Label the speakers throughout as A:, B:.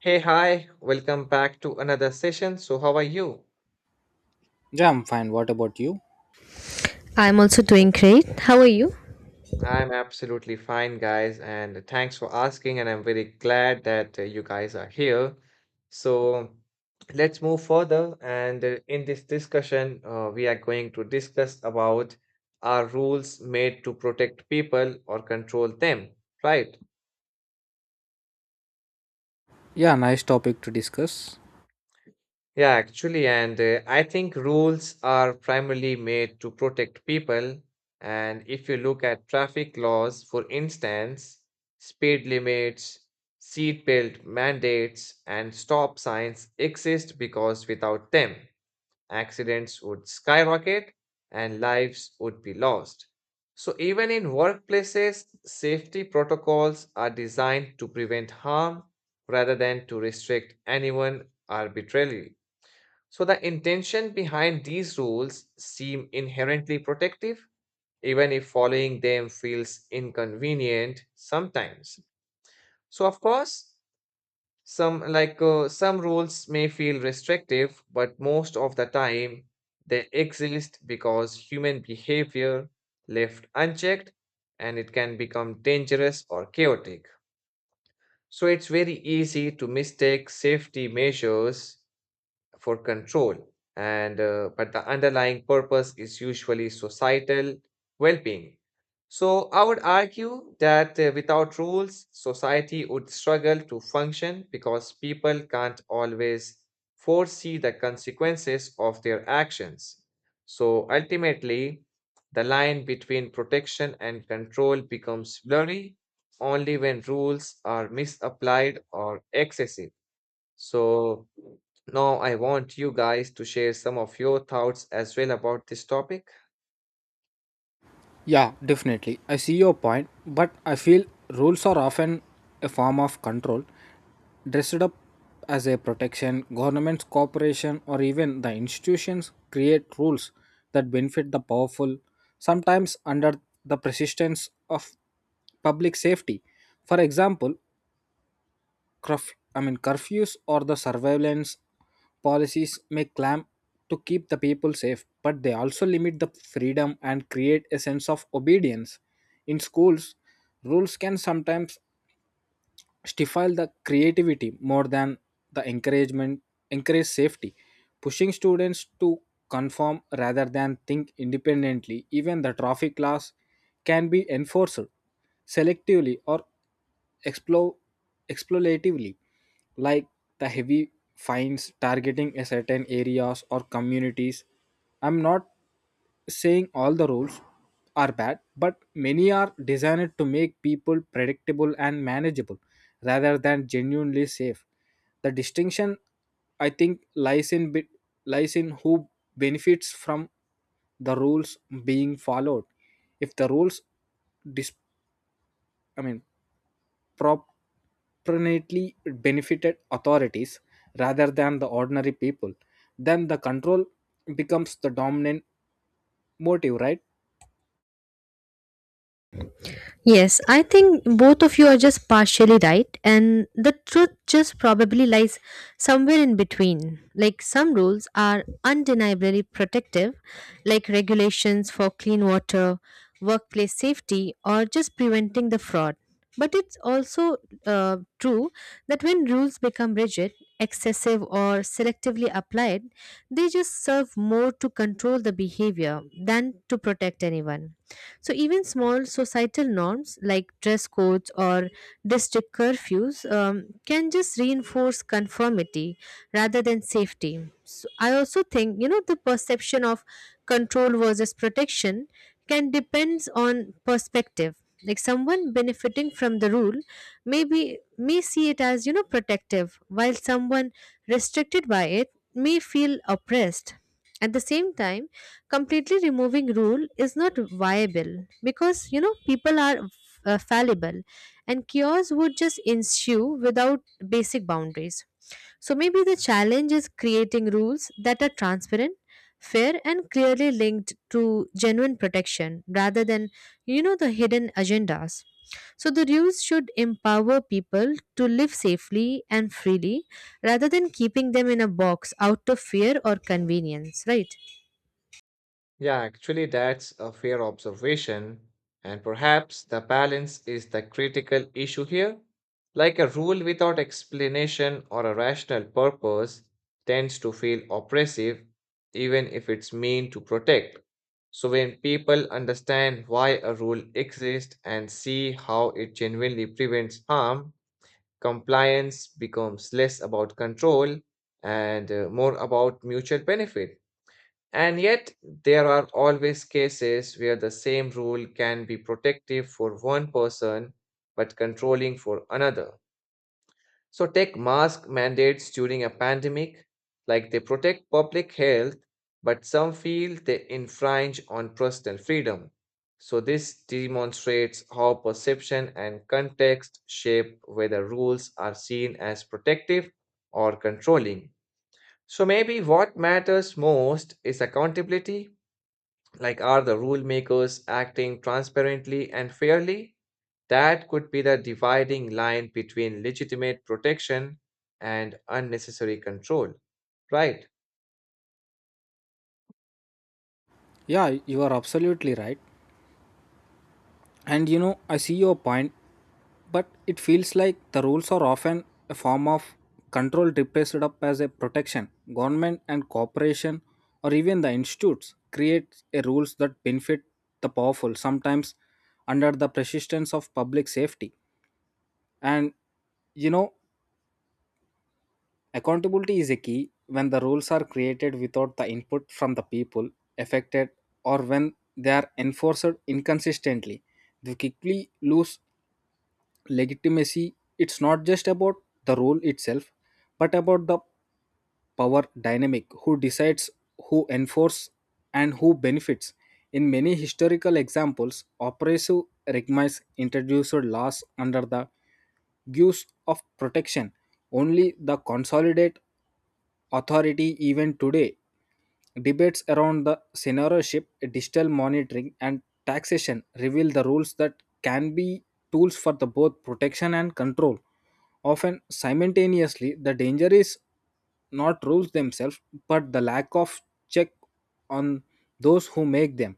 A: Hey, hi, welcome back to another session. So, how are you?
B: Yeah, I'm fine. What about you?
C: I'm also doing great. How are you?
A: I'm absolutely fine, guys, and thanks for asking. And I'm very glad that you guys are here. So, let's move further. And in this discussion, we are going to discuss about are rules made to protect people or control them, right?
B: Yeah, nice topic to discuss.
A: Yeah, actually, and I think rules are primarily made to protect people. And if you look at traffic laws, for instance, speed limits, seatbelt mandates, and stop signs exist because without them, accidents would skyrocket and lives would be lost. So, even in workplaces, safety protocols are designed to prevent harm rather than to restrict anyone arbitrarily. So the intention behind these rules seem inherently protective, even if following them feels inconvenient sometimes. So of course, some rules may feel restrictive, but most of the time they exist because human behavior left unchecked and it can become dangerous or chaotic. So it's very easy to mistake safety measures for control and but the underlying purpose is usually societal well-being. So I would argue that without rules society would struggle to function because people can't always foresee the consequences of their actions. So ultimately the line between protection and control becomes blurry only when rules are misapplied or excessive. So now I want you guys to share some of your thoughts as well about this topic.
B: Yeah, definitely. I see your point, but I feel rules are often a form of control, dressed up as a protection. Governments, corporation, or even the institutions create rules that benefit the powerful, sometimes under the persistence of public safety. For example, curfews or the surveillance policies may clamp to keep the people safe, but they also limit the freedom and create a sense of obedience. In schools, rules can sometimes stifle the creativity more than the encouragement encourage safety, pushing students to conform rather than think independently. Even the traffic laws can be enforced selectively or explo- exploitatively, like the heavy fines targeting a certain areas or communities. I'm not saying all the rules are bad, but many are designed to make people predictable and manageable rather than genuinely safe. The distinction, I think, lies in who benefits from the rules being followed. If the rules, dis, I mean, proportionately benefited authorities rather than the ordinary people, then the control becomes the dominant motive, right?
C: Yes, I think both of you are just partially right, and the truth just probably lies somewhere in between. Like some rules are undeniably protective, like regulations for clean water, workplace safety, or just preventing the fraud. But it's also true that when rules become rigid, excessive, or selectively applied, they just serve more to control the behavior than to protect anyone. So even small societal norms like dress codes or district curfews can just reinforce conformity rather than safety. So I also think, you know, the perception of control versus protection can depends on perspective. Like someone benefiting from the rule maybe may see it as, you know, protective, while someone restricted by it may feel oppressed. At the same time, completely removing rule is not viable because, you know, people are fallible and chaos would just ensue without basic boundaries. So maybe the challenge is creating rules that are transparent, fair, and clearly linked to genuine protection rather than the hidden agendas. So the rules should empower people to live safely and freely rather than keeping them in a box out of fear or convenience, right?
A: Yeah, actually, that's a fair observation. And perhaps the balance is the critical issue here. Like a rule without explanation or a rational purpose tends to feel oppressive, even if it's meant to protect. So, when people understand why a rule exists and see how it genuinely prevents harm, compliance becomes less about control and more about mutual benefit. And yet, there are always cases where the same rule can be protective for one person but controlling for another. So take mask mandates during a pandemic, like they protect public health, but some feel they infringe on personal freedom. So this demonstrates how perception and context shape whether rules are seen as protective or controlling. So maybe what matters most is accountability, like, are the rule makers acting transparently and fairly? That could be the dividing line between legitimate protection and unnecessary control, right?
B: Yeah, you are absolutely right. And you know, I see your point, but it feels like the rules are often a form of control dressed up as a protection. Government and corporation or even the institutes create a rules that benefit the powerful, sometimes under the persistence of public safety. And you know, accountability is a key when the rules are created without the input from the people affected or when they are enforced inconsistently. They quickly lose legitimacy. It's not just about the rule itself, but about the power dynamic, who decides, who enforces, and who benefits. In many historical examples, oppressive regimes introduced laws under the gives of protection only the consolidate authority. Even today, debates around the censorship, digital monitoring, and taxation reveal the rules that can be tools for the both protection and control. Often simultaneously, the danger is not rules themselves, but the lack of check on those who make them.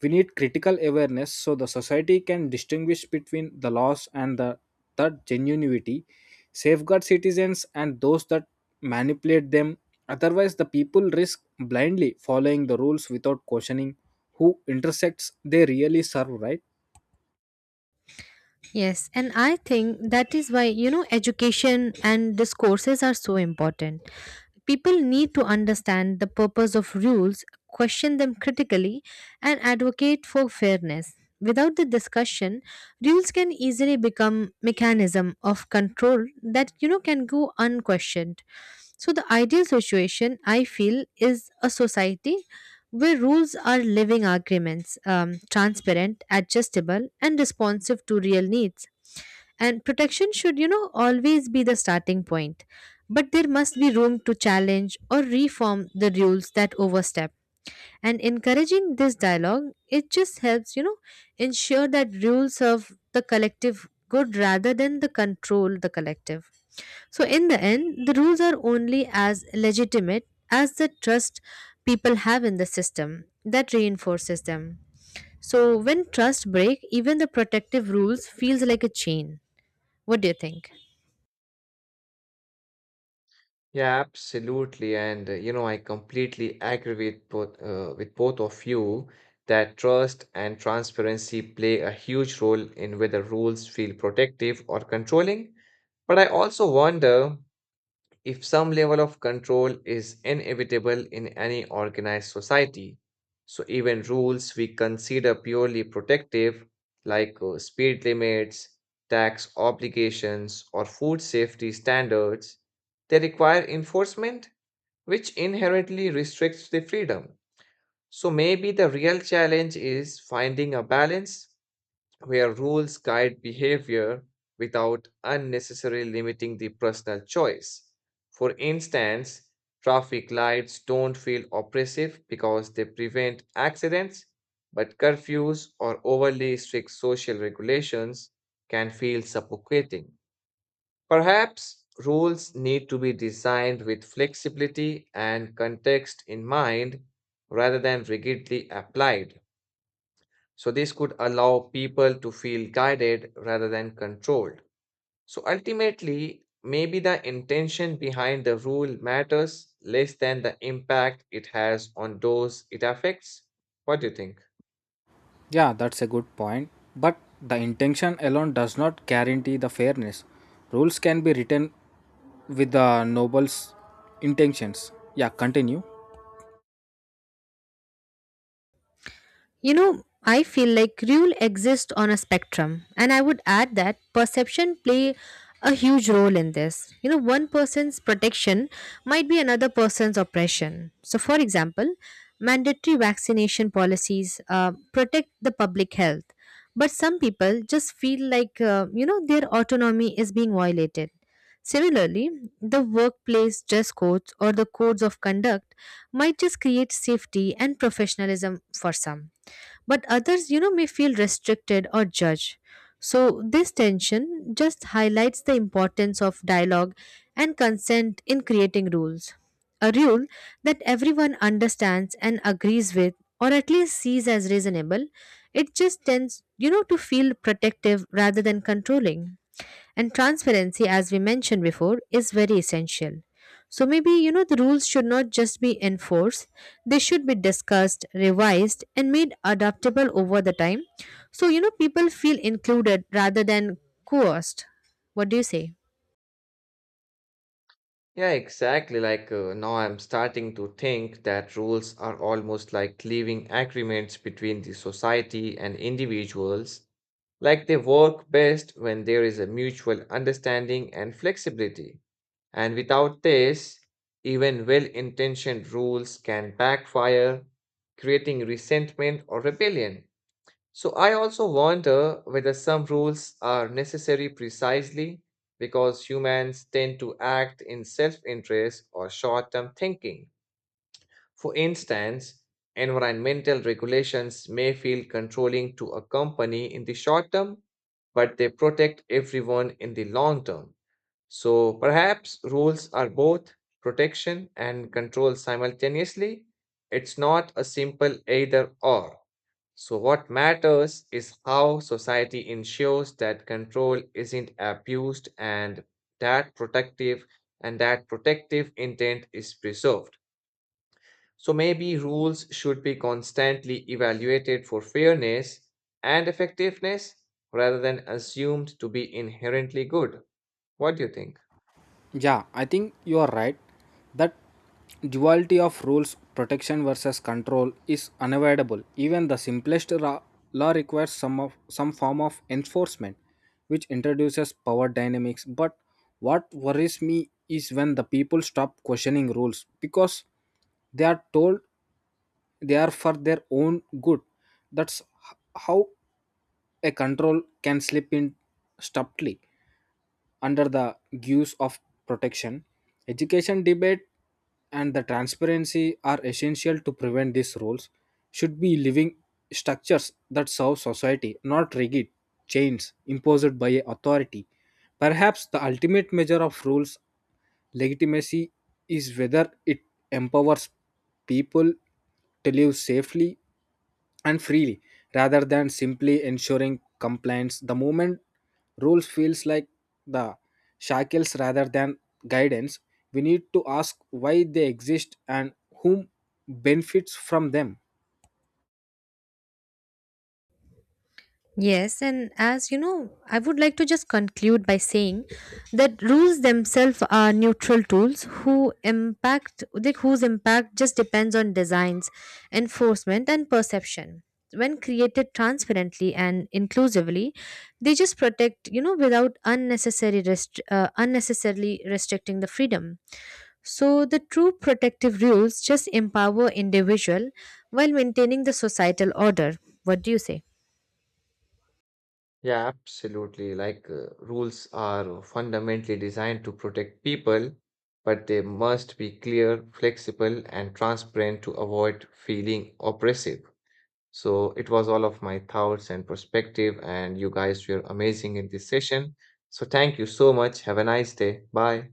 B: We need critical awareness so the society can distinguish between the laws and the that genuinity, safeguard citizens and those that manipulate them. Otherwise, the people risk blindly following the rules without questioning who intersects they really serve, right?
C: Yes, and I think that is why, you know, education and discourses are so important. People need to understand the purpose of rules, question them critically, and advocate for fairness. Without the discussion, rules can easily become mechanism of control that, you know, can go unquestioned. So the ideal situation I feel is a society where rules are living arguments, transparent, adjustable, and responsive to real needs, and protection should, you know, always be the starting point, but there must be room to challenge or reform the rules that overstep. And encouraging this dialogue, it just helps, you know, ensure that rules serve the collective good rather than the control the collective. So in the end, the rules are only as legitimate as the trust people have in the system that reinforces them. So when trust break, even the protective rules feels like a chain. What do you think?
A: Yeah, absolutely. And you know, I completely agree with both of you that trust and transparency play a huge role in whether rules feel protective or controlling. But I also wonder if some level of control is inevitable in any organized society, so even rules we consider purely protective, like speed limits, tax obligations, or food safety standards, they require enforcement, which inherently restricts the freedom. So maybe the real challenge is finding a balance where rules guide behavior without unnecessarily limiting the personal choice. For instance, traffic lights don't feel oppressive because they prevent accidents, but curfews or overly strict social regulations can feel suffocating. Perhaps rules need to be designed with flexibility and context in mind rather than rigidly applied. So, this could allow people to feel guided rather than controlled. So, ultimately, maybe the intention behind the rule matters less than the impact it has on those it affects. What do you think?
B: Yeah, that's a good point. But the intention alone does not guarantee the fairness. Rules can be written with the noble's intentions. Yeah, continue.
C: You know, I feel like rule exists on a spectrum, and I would add that perception play a huge role in this. You know, one person's protection might be another person's oppression. So, for example, mandatory vaccination policies protect the public health, but some people just feel like, you know, their autonomy is being violated. Similarly, the workplace dress codes or the codes of conduct might just create safety and professionalism for some, but others, you know, may feel restricted or judged. So this tension just highlights the importance of dialogue and consent in creating rules. A rule that everyone understands and agrees with, or at least sees as reasonable, it just tends, you know, to feel protective rather than controlling. And transparency, as we mentioned before, is very essential. So maybe, you know, the rules should not just be enforced, they should be discussed, revised, and made adaptable over the time. So, you know, people feel included rather than coerced. What do you say?
A: Yeah, exactly. Like now, I'm starting to think that rules are almost like living agreements between the society and individuals. Like they work best when there is a mutual understanding and flexibility. And without this, even well intentioned rules can backfire, creating resentment or rebellion. So, I also wonder whether some rules are necessary precisely because humans tend to act in self interest or short term thinking. For instance, environmental regulations may feel controlling to a company in the short term, but they protect everyone in the long term. So perhaps rules are both protection and control simultaneously. It's not a simple either or. So, what matters is how society ensures that control isn't abused and that protective that protective intent is preserved. So, maybe rules should be constantly evaluated for fairness and effectiveness rather than assumed to be inherently good. What do you think?
B: Yeah, I think you are right that duality of rules, protection versus control is unavoidable. Even the simplest law requires some form of enforcement, which introduces power dynamics. But what worries me is when the people stop questioning rules because they are told they are for their own good. That's how a control can slip in subtly under the guise of protection. Education, debate, and the transparency are essential to prevent these roles. Should be living structures that serve society, not rigid chains imposed by a authority. Perhaps the ultimate measure of rules legitimacy is whether it empowers people to live safely and freely rather than simply ensuring compliance. The moment rules feels like the shackles rather than guidance, we need to ask why they exist and whom benefits from them.
C: Yes, and as you know, I would like to just conclude by saying that rules themselves are neutral tools who impact, like, whose impact just depends on designs, enforcement, and perception. When created transparently and inclusively, they just protect, you know, without unnecessary unnecessarily restricting the freedom. So the true protective rules just empower individual while maintaining the societal order. What do you say?
A: Yeah, absolutely. Like rules are fundamentally designed to protect people, but they must be clear, flexible, and transparent to avoid feeling oppressive. So it was all of my thoughts and perspective, and you guys were amazing in this session. So thank you so much. Have a nice day. Bye.